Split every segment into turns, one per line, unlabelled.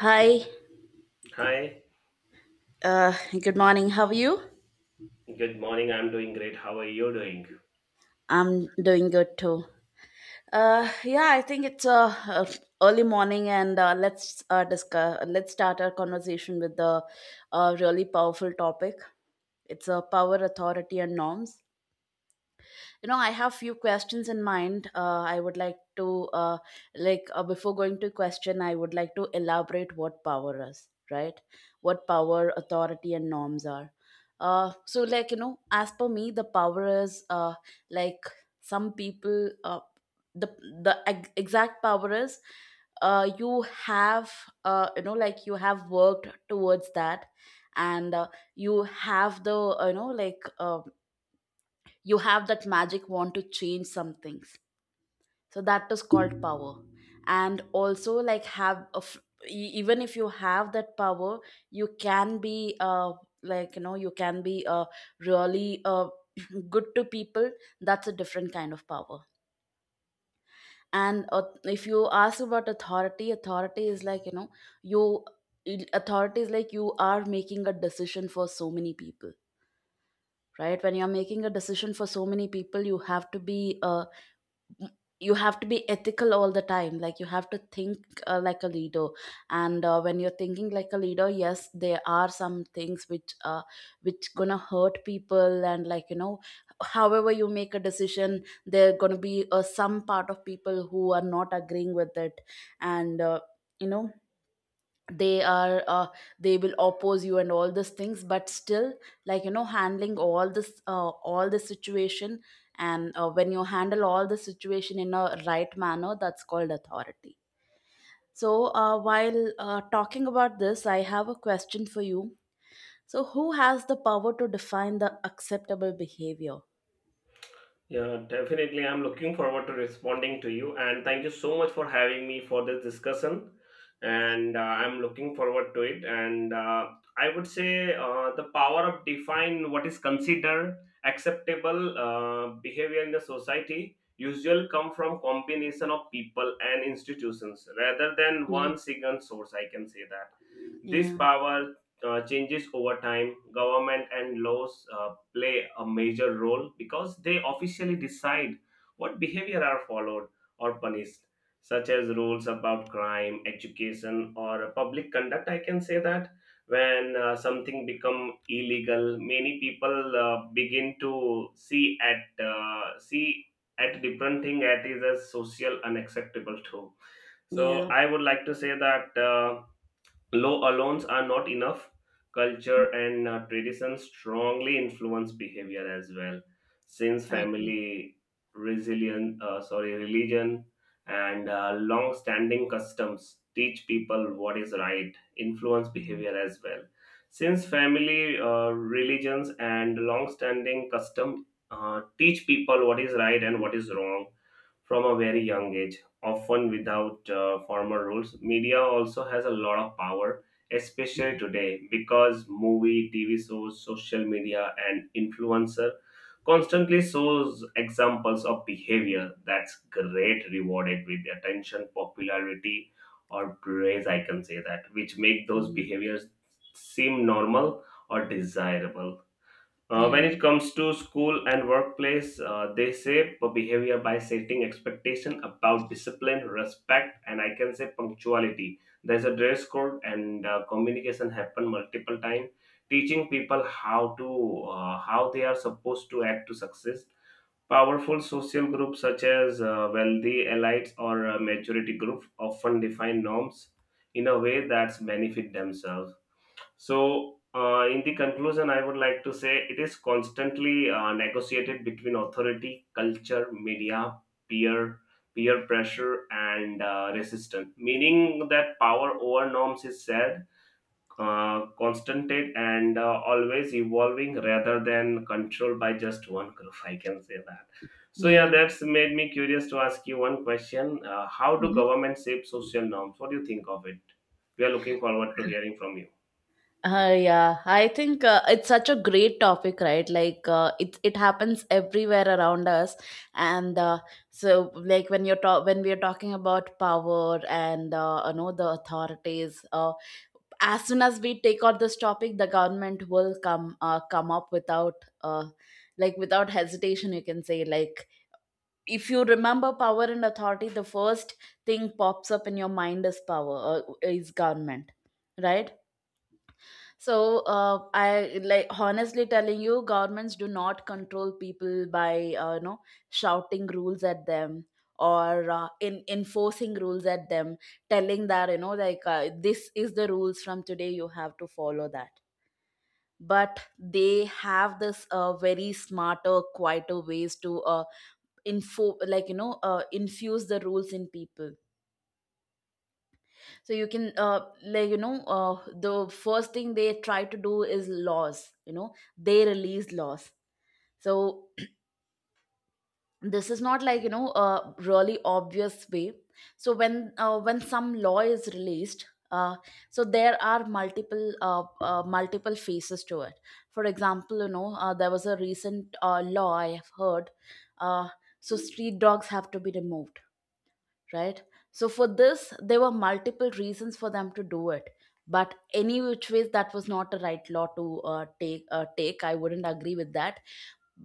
Hi,
Hi,
uh, good morning. How are you?
good morning. I'm doing great. How are you doing?
I'm doing good too. Yeah, I think it's early morning, and let's discuss. Let's start our conversation with the really powerful topic. It's power, authority, and norms. I have few questions in mind, I would like to, like, before going to question I would like to elaborate what power is, right? What power, authority, and norms are. So, like, you know, as per me, the power is, like, some people, the the exact power is, you have, you know, like, you have worked towards that, and you have the, you know, like, you have that magic want to change some things. So that is called power. And also, like, have a even if you have that power, you can be, like, you know, you can be, really, good to people. That's a different kind of power. And if you ask about authority, authority is, like, you know, you authority is like you are making a decision for so many people, right? When you're making a decision for so many people, you have to be ethical all the time, like, you have to think, like a leader. And when you're thinking like a leader, yes, there are some things which gonna hurt people, and, like, you know, however you make a decision, there gonna be, some part of people who are not agreeing with it. And you know, they are uh, they will oppose you and all these things, but still, like, you know, handling all the situation. And when you handle all the situation in a right manner, that's called authority. So while talking about this, I have a question for you. So who has the power to define the acceptable behavior?
Yeah, definitely. I'm looking forward to responding to you. And thank you so much for having me for this discussion. And I'm looking forward to it. And I would say the power of define what is considered acceptable behavior in the society usually come from combination of people and institutions rather than
Mm.
one single source. I can say that this
Yeah,
power changes over time. Government and laws play a major role because they officially decide what behavior are followed or punished, such as rules about crime, education, or public conduct. I can say that when something become illegal, many people begin to see at different thing at is as social unacceptable too. So
yeah.
I would like to say that. Law alone are not enough. Culture and tradition strongly influence behavior as well, since
Okay.
family, religion, and long-standing customs teach people what is right, influence
Mm.
behavior as well. Since family, religions, and long-standing custom teach people what is right and what is wrong from a very young age often without formal rules. Media also has a lot of power, especially
Mhm.
today, because movie, TV shows, social media, and influencer constantly shows examples of behavior that's great rewarded with attention, popularity, or praise. I can say that, which make those
Yeah,
behaviors seem normal or desirable when it comes to school and workplace, they shape behavior by setting expectation about discipline, respect, and I can say punctuality. There's a dress code and communication happen multiple time, teaching people how to how they are supposed to act to success. Powerful social groups such as wealthy elites or majority group often define norms in a way that's benefit themselves so, in the conclusion, I would like to say it is constantly negotiated between authority, culture, media, peer peer pressure, and resistance. Meaning that power over norms is shared, constant, and always evolving, rather than controlled by just one group. I can say that. So yeah,
yeah.
that's made me curious to ask you one question: how do
Mm-hmm.
governments shape social norms? What do you think of it? We are looking forward to hearing from you.
Yeah, I think, it's such a great topic, right? Like, it happens everywhere around us, and so, like, when when we are talking about power and, you know, the authorities, as soon as we take out this topic, the government will come up without, like, without hesitation. You can say, like, if you remember power and authority, the first thing pops up in your mind is is government, right? So I, like, honestly telling you, governments do not control people by, you know, shouting rules at them, or in enforcing rules at them, telling that, you know, like, this is the rules from today, you have to follow that. But they have this very smarter, quieter ways to, info like, you know, infuse the rules in people. So you can, like, you know, the first thing they try to do is laws, you know, they release laws. So this is not, like, you know, a really obvious way. So when, when some law is released, so there are multiple phases to it. For example, you know, there was a recent, law I have heard, uh, so street dogs have to be removed, right? So for this, there were multiple reasons for them to do it, but any which ways, that was not a right law to, take. Take, I wouldn't agree with that.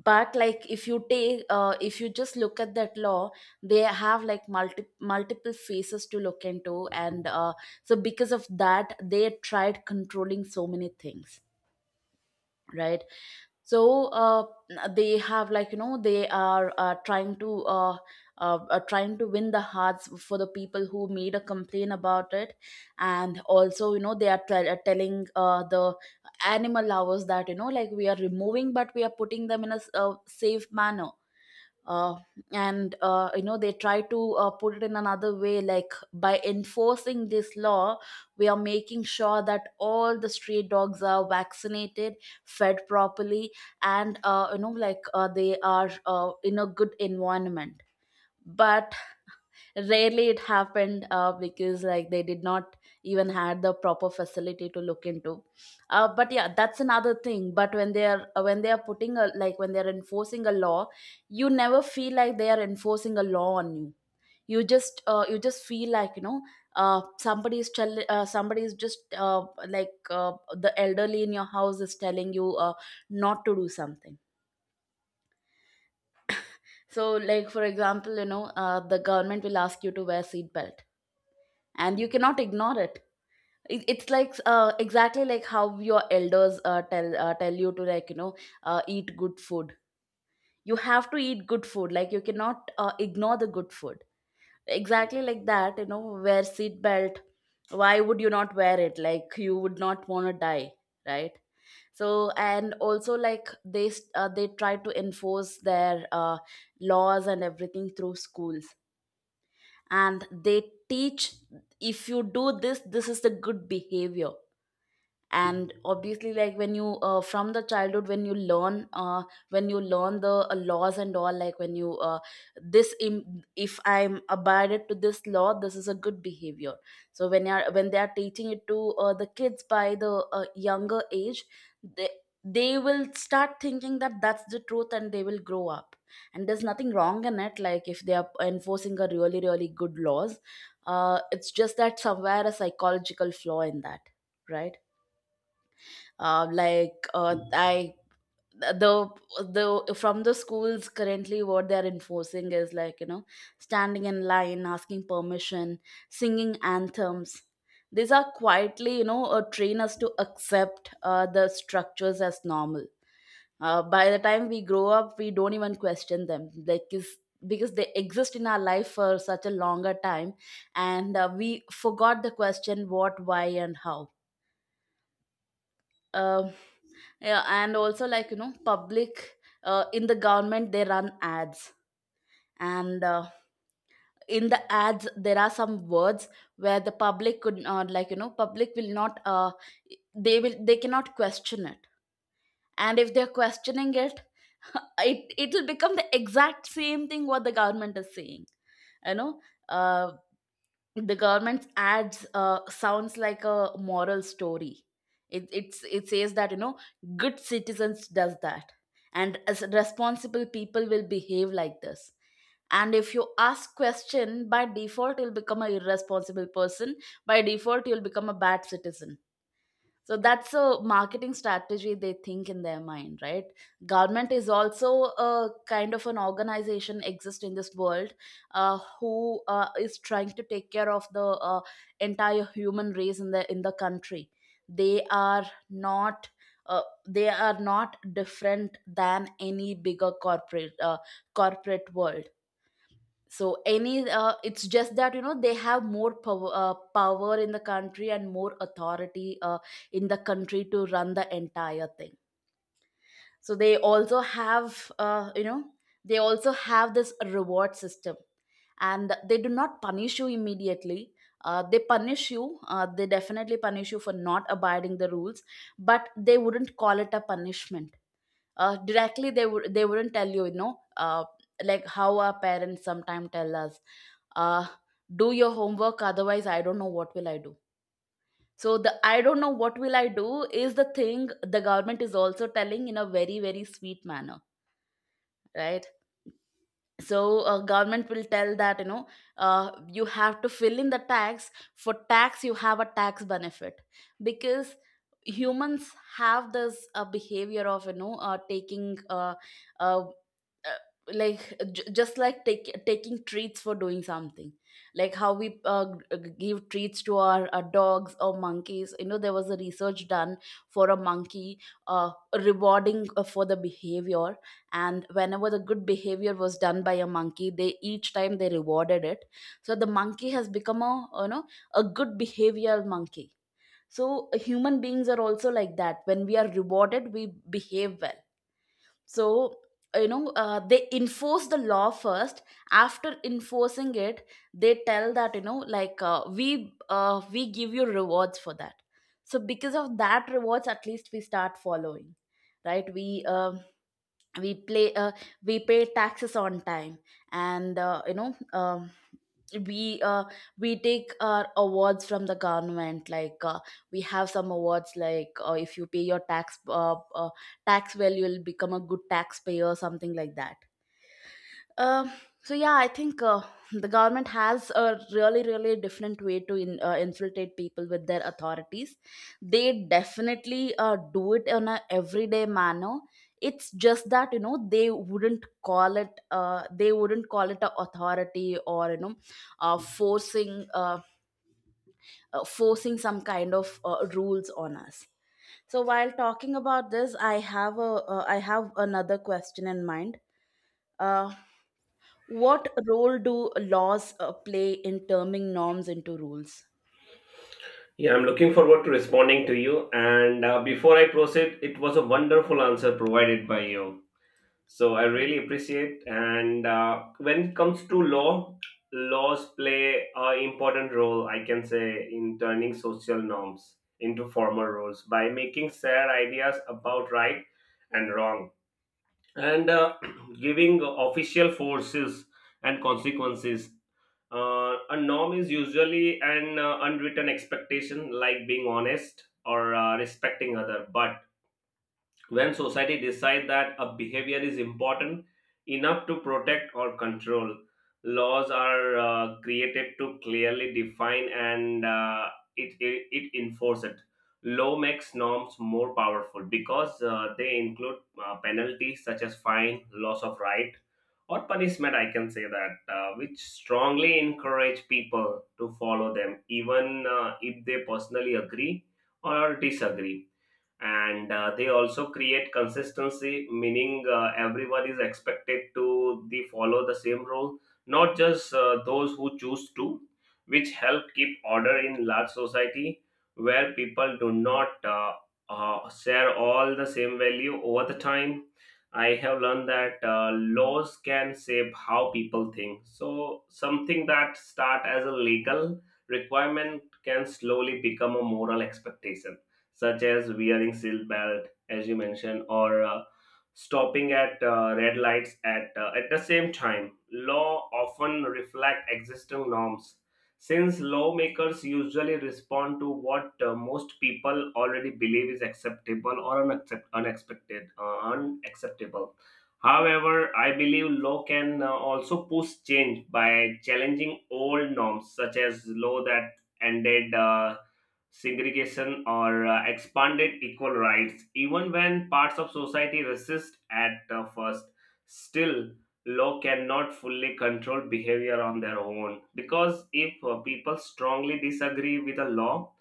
But, like, if you take, if you just look at that law, they have, like, multiple faces to look into, and so because of that, they tried controlling so many things, right? So they have, like, you know, they are trying to win the hearts for the people who made a complaint about it. And also, you know, they are telling, the animal lovers that, you know, like, we are removing, but we are putting them in a a safe manner, uh, and you know, they try to, put it in another way, like, by enforcing this law we are making sure that all the stray dogs are vaccinated, fed properly, and you know, like, they are in a good environment. But rarely it happened, because, like, they did not even had the proper facility to look into. But yeah, that's another thing, but when they are putting a, like, when they are enforcing a law, you never feel like they are enforcing a law on you. You just uh, you just feel, like, you know, somebody is just, like, the elderly in your house is telling you, not to do something. So, like, for example, you know, the government will ask you to wear seat belt, and you cannot ignore it. It's like, exactly like how your elders, tell you to, like, you know, eat good food. You have to eat good food, like, you cannot, ignore the good food. Exactly like that, you know, wear seat belt. Why would you not wear it? Like, you would not want to die, right? So, and also, like, they try to enforce their, laws and everything through schools, and they teach, if you do this, this is the good behavior. And obviously, like, when you from the childhood, when you learn the, laws and all, like, when you if I'm abided to this law, this is a good behavior. So when they are teaching it to, the kids by the, younger age, they they will start thinking that that's the truth, and they will grow up, and there's nothing wrong in it, like, if they are enforcing a really, really good laws. It's just that somewhere a psychological flaw in that, right? Like, I the the from the schools, currently what they are enforcing is, like, you know, standing in line, asking permission, singing anthems. These are quietly, you know, train us to accept, the structures as normal. By the time we grow up, we don't even question them, like, is, because they exist in our life for such a longer time, and we forgot the question what, why, and how. um yeah, and also, like, you know, public, in the government they run ads, and in the ads there are some words where the public could not, like, you know, public will not, they cannot question it, and if they're questioning it, it will become the exact same thing what the government is saying, you know. uh, the government's ads, sounds like a moral story. It says that, you know, good citizens does that, and as responsible people will behave like this, and if you ask question, by default you'll become a irresponsible person, by default you'll become a bad citizen. So that's a marketing strategy they think in their mind, right? Government is also a kind of an organization exist in this world, who is trying to take care of the, entire human race in the country. They are not they are not different than any bigger corporate corporate world. So any it's just that you know they have more power, power in the country and more authority in the country to run the entire thing. So they also have you know they also have this reward system, and they do not punish you immediately. They punish you they definitely punish you for not abiding the rules, but they wouldn't call it a punishment. Directly they would they wouldn't tell you you know like how our parents sometimes tell us, uh, do your homework otherwise I don't know what will I do. So the "i don't know what will I do" is the thing the government is also telling in a very very sweet manner, right? So government will tell that you know, you have to fill in the tax. For tax you have a tax benefit, because humans have this behavior of you know taking uh, like just like taking treats for doing something, like how we give treats to our, dogs or monkeys. You know there was a research done for a monkey, uh, rewarding for the behavior, and whenever the good behavior was done by a monkey they each time they rewarded it. So the monkey has become a you know a good behavioral monkey. So human beings are also like that. When we are rewarded we behave well. So you know they enforce the law first. After enforcing it they tell that you know like we give you rewards for that. So because of that rewards at least we start following, right? We we play we pay taxes on time, and you know we uh, we take our awards from the government, like we have some awards like if you pay your tax tax well you'll become a good taxpayer, something like that. um, so yeah, I think the government has a really, really different way to infiltrate people with their authorities. They definitely do it in a everyday manner. It's just that you know they wouldn't call it a authority, or you know forcing forcing some kind of rules on us. So while talking about this, I have a I have another question in mind. Uh, what role do laws play in turning norms into rules?
Yeah, I'm looking forward to responding to you. And before I proceed, it was a wonderful answer provided by you. So I
Thank
really
you.
appreciate. And when it comes to law, laws play an important role, I can say, in turning social norms into formal rules by making shared ideas about right and wrong and giving official forces and consequences a norm is usually an unwritten expectation like being honest or respecting other but when society decide that a behavior is important enough to protect or control laws are created to clearly define and it, it it enforce it law makes norms more powerful because they include penalties such as fine loss of right or punishment I can say that which strongly encourage people to follow them even if they personally agree or disagree and they also create consistency meaning everyone is expected to the follow the same rule not just those who choose to which help keep order in large society where people do not share all the same value over the time I have learned that laws can shape how people think so something that start as a legal requirement can slowly become a moral expectation such as wearing seat belt, as you mentioned, or stopping at red lights at at the same time. Law often reflect existing norms, since lawmakers usually respond to what most people already believe is acceptable or unacceptable. However, I believe law can also push change by challenging old norms, such as law that ended segregation or expanded equal rights even when parts of society resist at first still law cannot fully control behavior on their own because if people strongly disagree with a law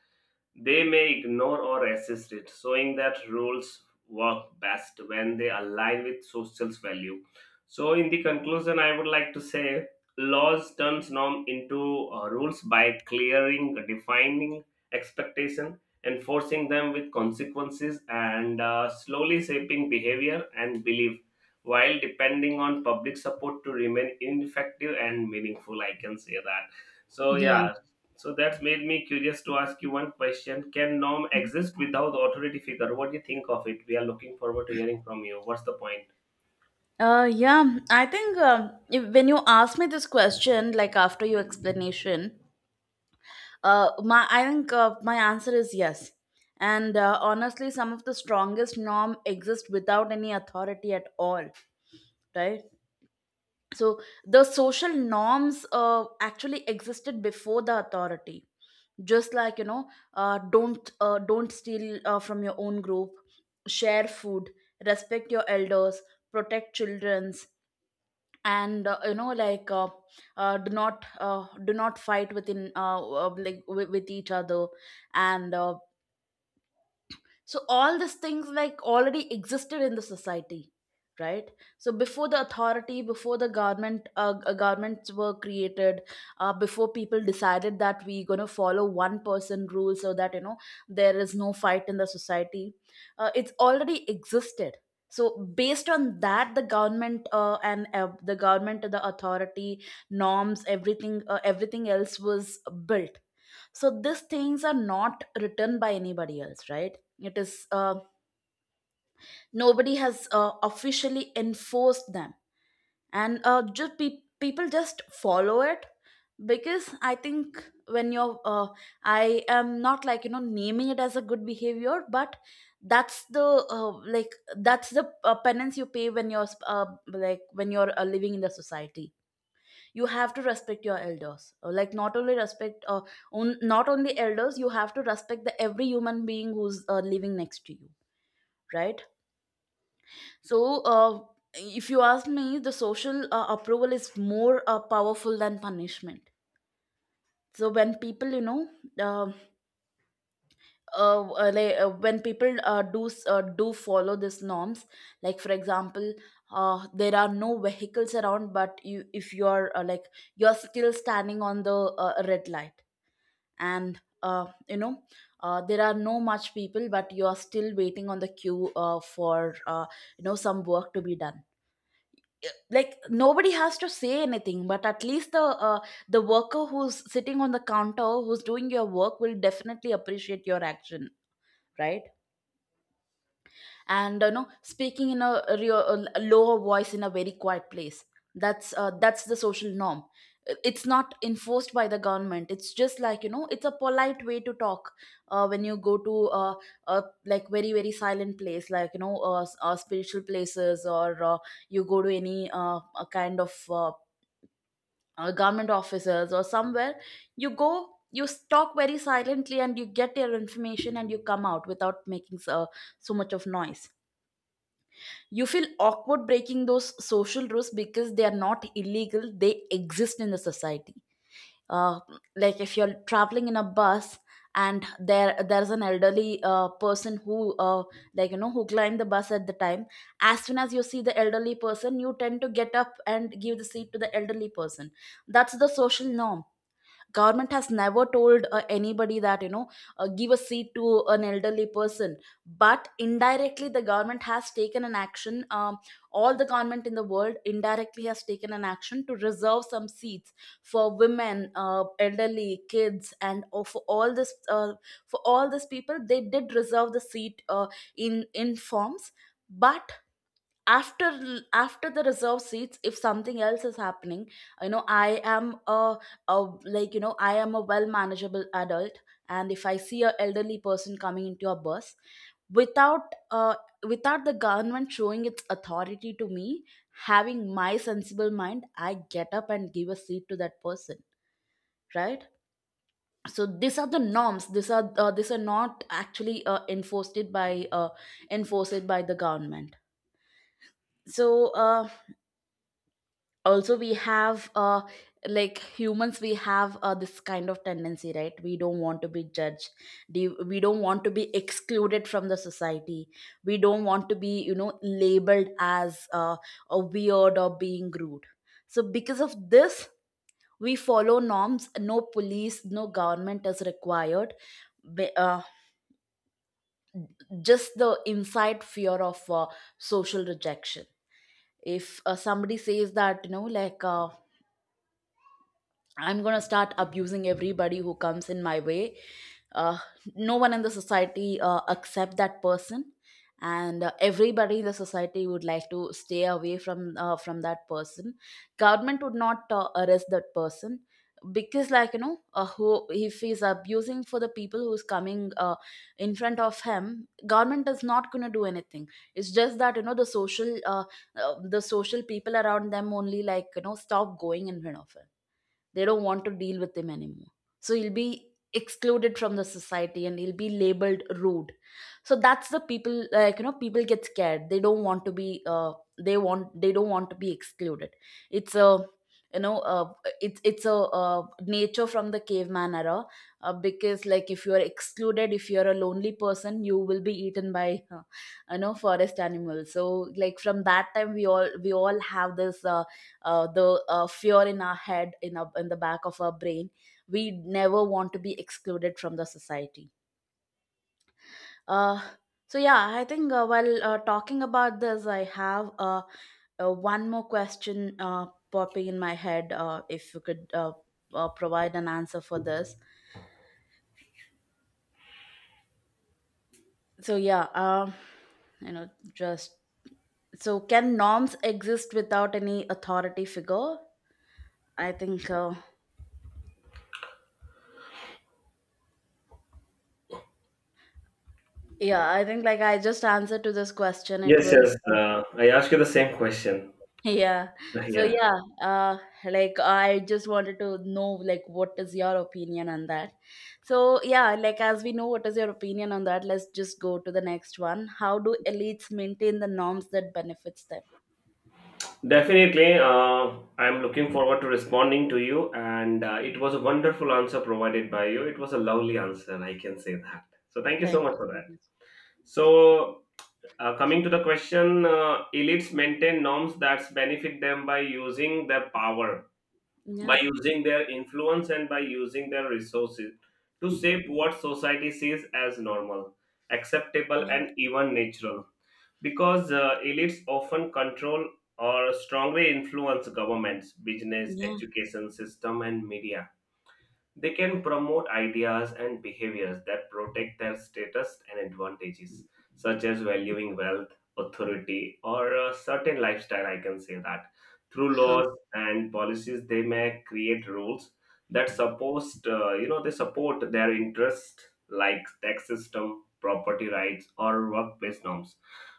they may ignore or resist it, showing that rules work best when they align with social value. So, in the conclusion, I would like to say laws turns norm into rules by clearing, defining expectation, enforcing them with consequences, and slowly shaping behavior and belief. While depending on public support to remain ineffective and meaningful, I can say that. So
Yeah.
yeah, so that's made me curious to ask you one question. Can norm exist without authority figure? What do you think of it? We are looking forward to hearing from you. What's the point?
Yeah, I think if, when you ask me this question, like after your explanation, my I think my answer is yes. And honestly, some of the strongest norm exist without any authority at all, right? So the social norms actually existed before the authority, just like you know don't steal from your own group, share food, respect your elders, protect children's, and you know like do not fight within like with each other, and so all these things like already existed in the society, right? So before the authority, before the government governments were created, before people decided that we are going to follow one person rule so that you know there is no fight in the society, it's already existed. So based on that the government the authority, norms, everything everything else was built. So these things are not written by anybody else, right? It is nobody has officially enforced them, and just people just follow it, because I think when you're I am not like you know naming it as a good behavior, but that's the uh, like that's the penance you pay when you're like when you're living in the society. You have to respect your elders. Like not only respect not only elders, you have to respect the every human being who's living next to you, right? So if you ask me, the social approval is more powerful than punishment. So when people you know um when people do follow these norms, like for example, there are no vehicles around, but you if you are you're still standing on the red light, and you know there are no much people but you are still waiting on the queue for you know some work to be done. Uh, like nobody has to say anything, but at least uh, the worker who's sitting on the counter, who's doing your work, will definitely appreciate your action, right? And you know, speaking in a real, a lower voice in a very quiet place, that's the social norm. It's not enforced by the government, it's just like you know it's a polite way to talk. When you go to a like very very silent place, like you know spiritual places, or you go to any a kind of government offices or somewhere, you go you talk very silently, and you get your information, and you come out without making so, so much of noise. You feel awkward breaking those social rules because they are not illegal, they exist in the society. uh, like if you're traveling in a bus, and there's an elderly person who like you know who climbed the bus at the time, as soon as you see the elderly person you tend to get up and give the seat to the elderly person. That's the social norm. Government has never told anybody that you know give a seat to an elderly person, but indirectly the government has taken an action. All the government in the world indirectly has taken an action to reserve some seats for women, elderly, kids and for all this for all these people they did reserve the seat in forms. But after, after the reserve seats if something else is happening, you know I am a like you know I am a well manageable adult, and if I see a elderly person coming into a bus without without the government showing its authority to me, having my sensible mind I get up and give a seat to that person, right? So these are the norms. These are these are not actually enforced by the government. So uh, also we have like humans, we have this kind of tendency, right? We don't want to be judged. We don't want to be excluded from the society. We don't want to be you know labeled as a weird or being rude. So because of this, we follow norms. No police, no government is required. Be- uh, just the inside fear of social rejection. If somebody says that you know like I'm gonna start abusing everybody who comes in my way. Uh, no one in the society accept that person, and everybody in the society would like to stay away from that person. Government would not arrest that person because, like you know, who if he's abusing for the people who's coming in front of him, government is not gonna do anything. It's just that you know the social people around them only, like you know, stop going in front of him. They don't want to deal with him anymore. So he'll be excluded from the society and he'll be labeled rude. So that's the people, like you know, people get scared. They don't want to be they don't want to be excluded. It's a you know it's a nature from the caveman era. Because like if you are excluded, if you are a lonely person, you will be eaten by you know forest animals. So like from that time we all have this the fear in our head, in the back of our brain. We never want to be excluded from the society. uh, so yeah, I think while talking about this, I have one more question popping in my head. If you could provide an answer for this. So yeah, you know just so can norms exist without any authority figure? I think yeah, I think like I just answered to this question, it
Yes,
was.
yes. I ask you the same question.
Yeah. So
Yeah,
yeah, uh like I just wanted to know like what is your opinion on that. So yeah, like as we know what is your opinion on that, let's just go to the next one. How do elites maintain the norms that benefits them?
definitely. I'm looking forward to responding to you, and it was a wonderful answer provided by you. It was a lovely answer, I can say that. So thank you so
Thank
much
you
for
so
that.
much.
So coming to the question, elites maintain norms that benefit them by using their power
Yeah,
by using their influence and by using their resources to shape what society sees as normal, acceptable,
yeah,
and even natural. Because elites often control or strongly influence governments, business,
yeah.
education system, and media they can promote ideas and behaviors that protect their status and advantages, such as valuing wealth, authority, or a certain lifestyle. I can say that. Through laws and policies, they may create rules that support, you know, they support their interest, like tax system, property rights, or workplace norms,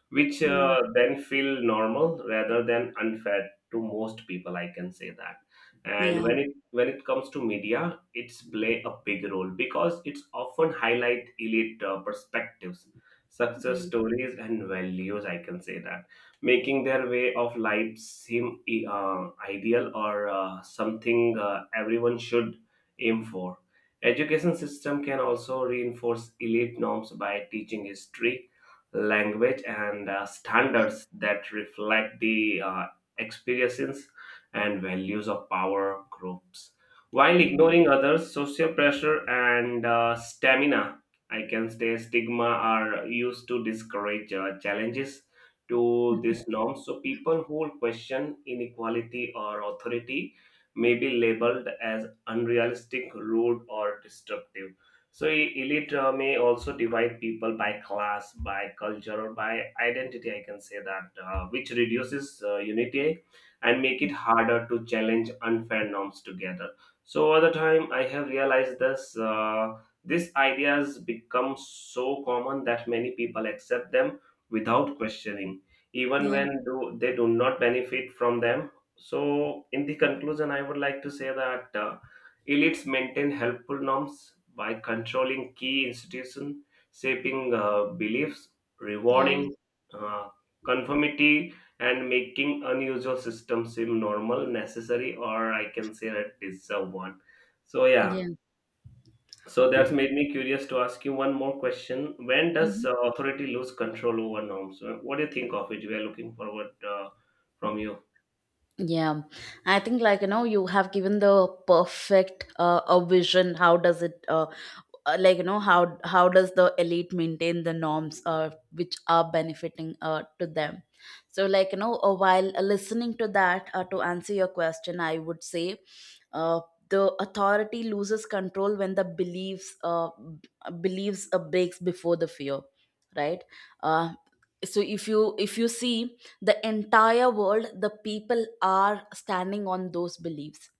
which
Yeah.
then feel normal rather than unfair to most people. I can say that and
Yeah.
when it comes to media it's play a big role because it's often highlight elite perspectives success
Yeah.
stories and values I can say that making their way of life seem ideal or something everyone should aim for education system can also reinforce elite norms by teaching history language and standards that reflect the experiences and values of power groups while
Yeah. Yeah.
ignoring others, social pressure and I can say stigma are used to discourage challenges to these norms. So people who question inequality or authority may be labeled as unrealistic, rude, or destructive. So elite may also divide people by class, by culture, or by identity. I can say that, which reduces unity and make it harder to challenge unfair norms together. So over the time, I have realized this. These ideas become so common that many people accept them without questioning, even
Yeah.
when they do not benefit from them. So, in the conclusion, I would like to say that elites maintain helpful norms by controlling key institutions, shaping beliefs,
Yeah.
rewarding uh, conformity and making unusual systems seem normal, necessary, or I can say that it's a one. So yeah,
Yeah.
so that's made me curious to ask you one more question. When does
Mhm.
authority lose control over norms? What do you think of it? We are looking forward from you.
Yeah, I think like you know you have given the perfect a vision. How does it like you know how does the elite maintain the norms which are benefiting to them? So like you know while listening to that to answer your question, I would say uh, the authority loses control when the beliefs beliefs breaks before the fear, right? Uh, so if you see the entire world, the people are standing on those beliefs.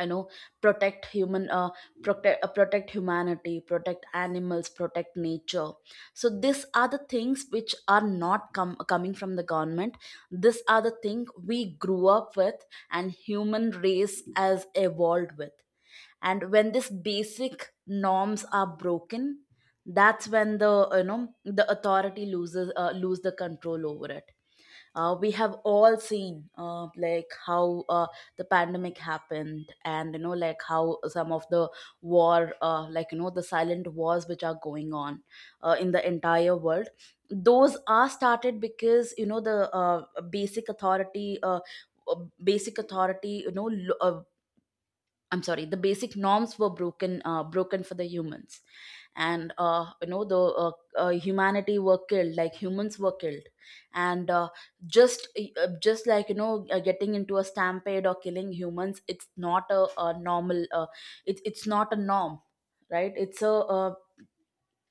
You know, protect human protect protect humanity, protect animals, protect nature. So these are the things which are not coming from the government. These are the thing we grew up with, and human race has evolved with. And when these basic norms are broken, that's when the you know the authority loses lose the control over it. We have all seen like how the pandemic happened, and you know like how some of the war like you know the silent wars which are going on in the entire world, those are started because you know the basic authority uh, uh, basic authority you know I'm sorry, the basic norms were broken, broken for the humans, and you know the humanity were killed, like humans were killed. And just just like you know getting into a stampede or killing humans, it's not a normal it's not a norm, right? It's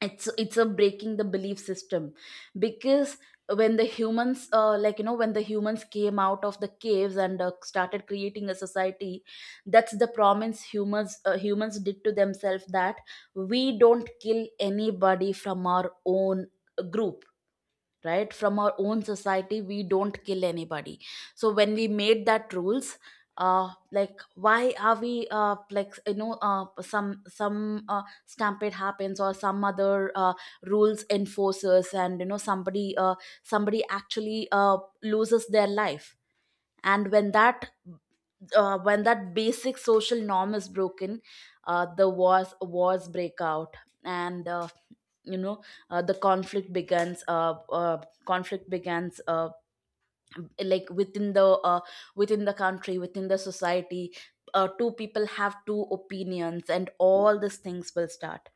it's a breaking the belief system. Because when the humans like you know when the humans came out of the caves and started creating a society, that's the promise humans humans did to themselves, that we don't kill anybody from our own group, right? From our own society we don't kill anybody. So when we made that rules, like why are we like you know some stampede happens or some other rules enforces, and you know somebody somebody actually loses their life. And when that basic social norm is broken, the wars break out, and you know the conflict begins. Conflict begins like within the country, within the society. Two people have two opinions, and all these things will start.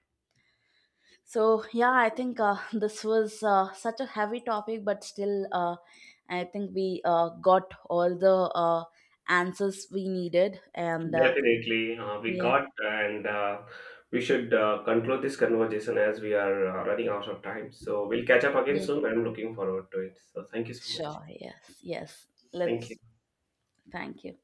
So yeah, I think this was such a heavy topic, but still, I think we got all the answers we needed, and
Definitely, we
yeah,
got and we should conclude this conversation as we are running out of time. So we'll catch up again
yeah.
soon. I'm looking forward to it. So thank you so much.
Sure. Yes, yes.
Thank you.
Let's thank you.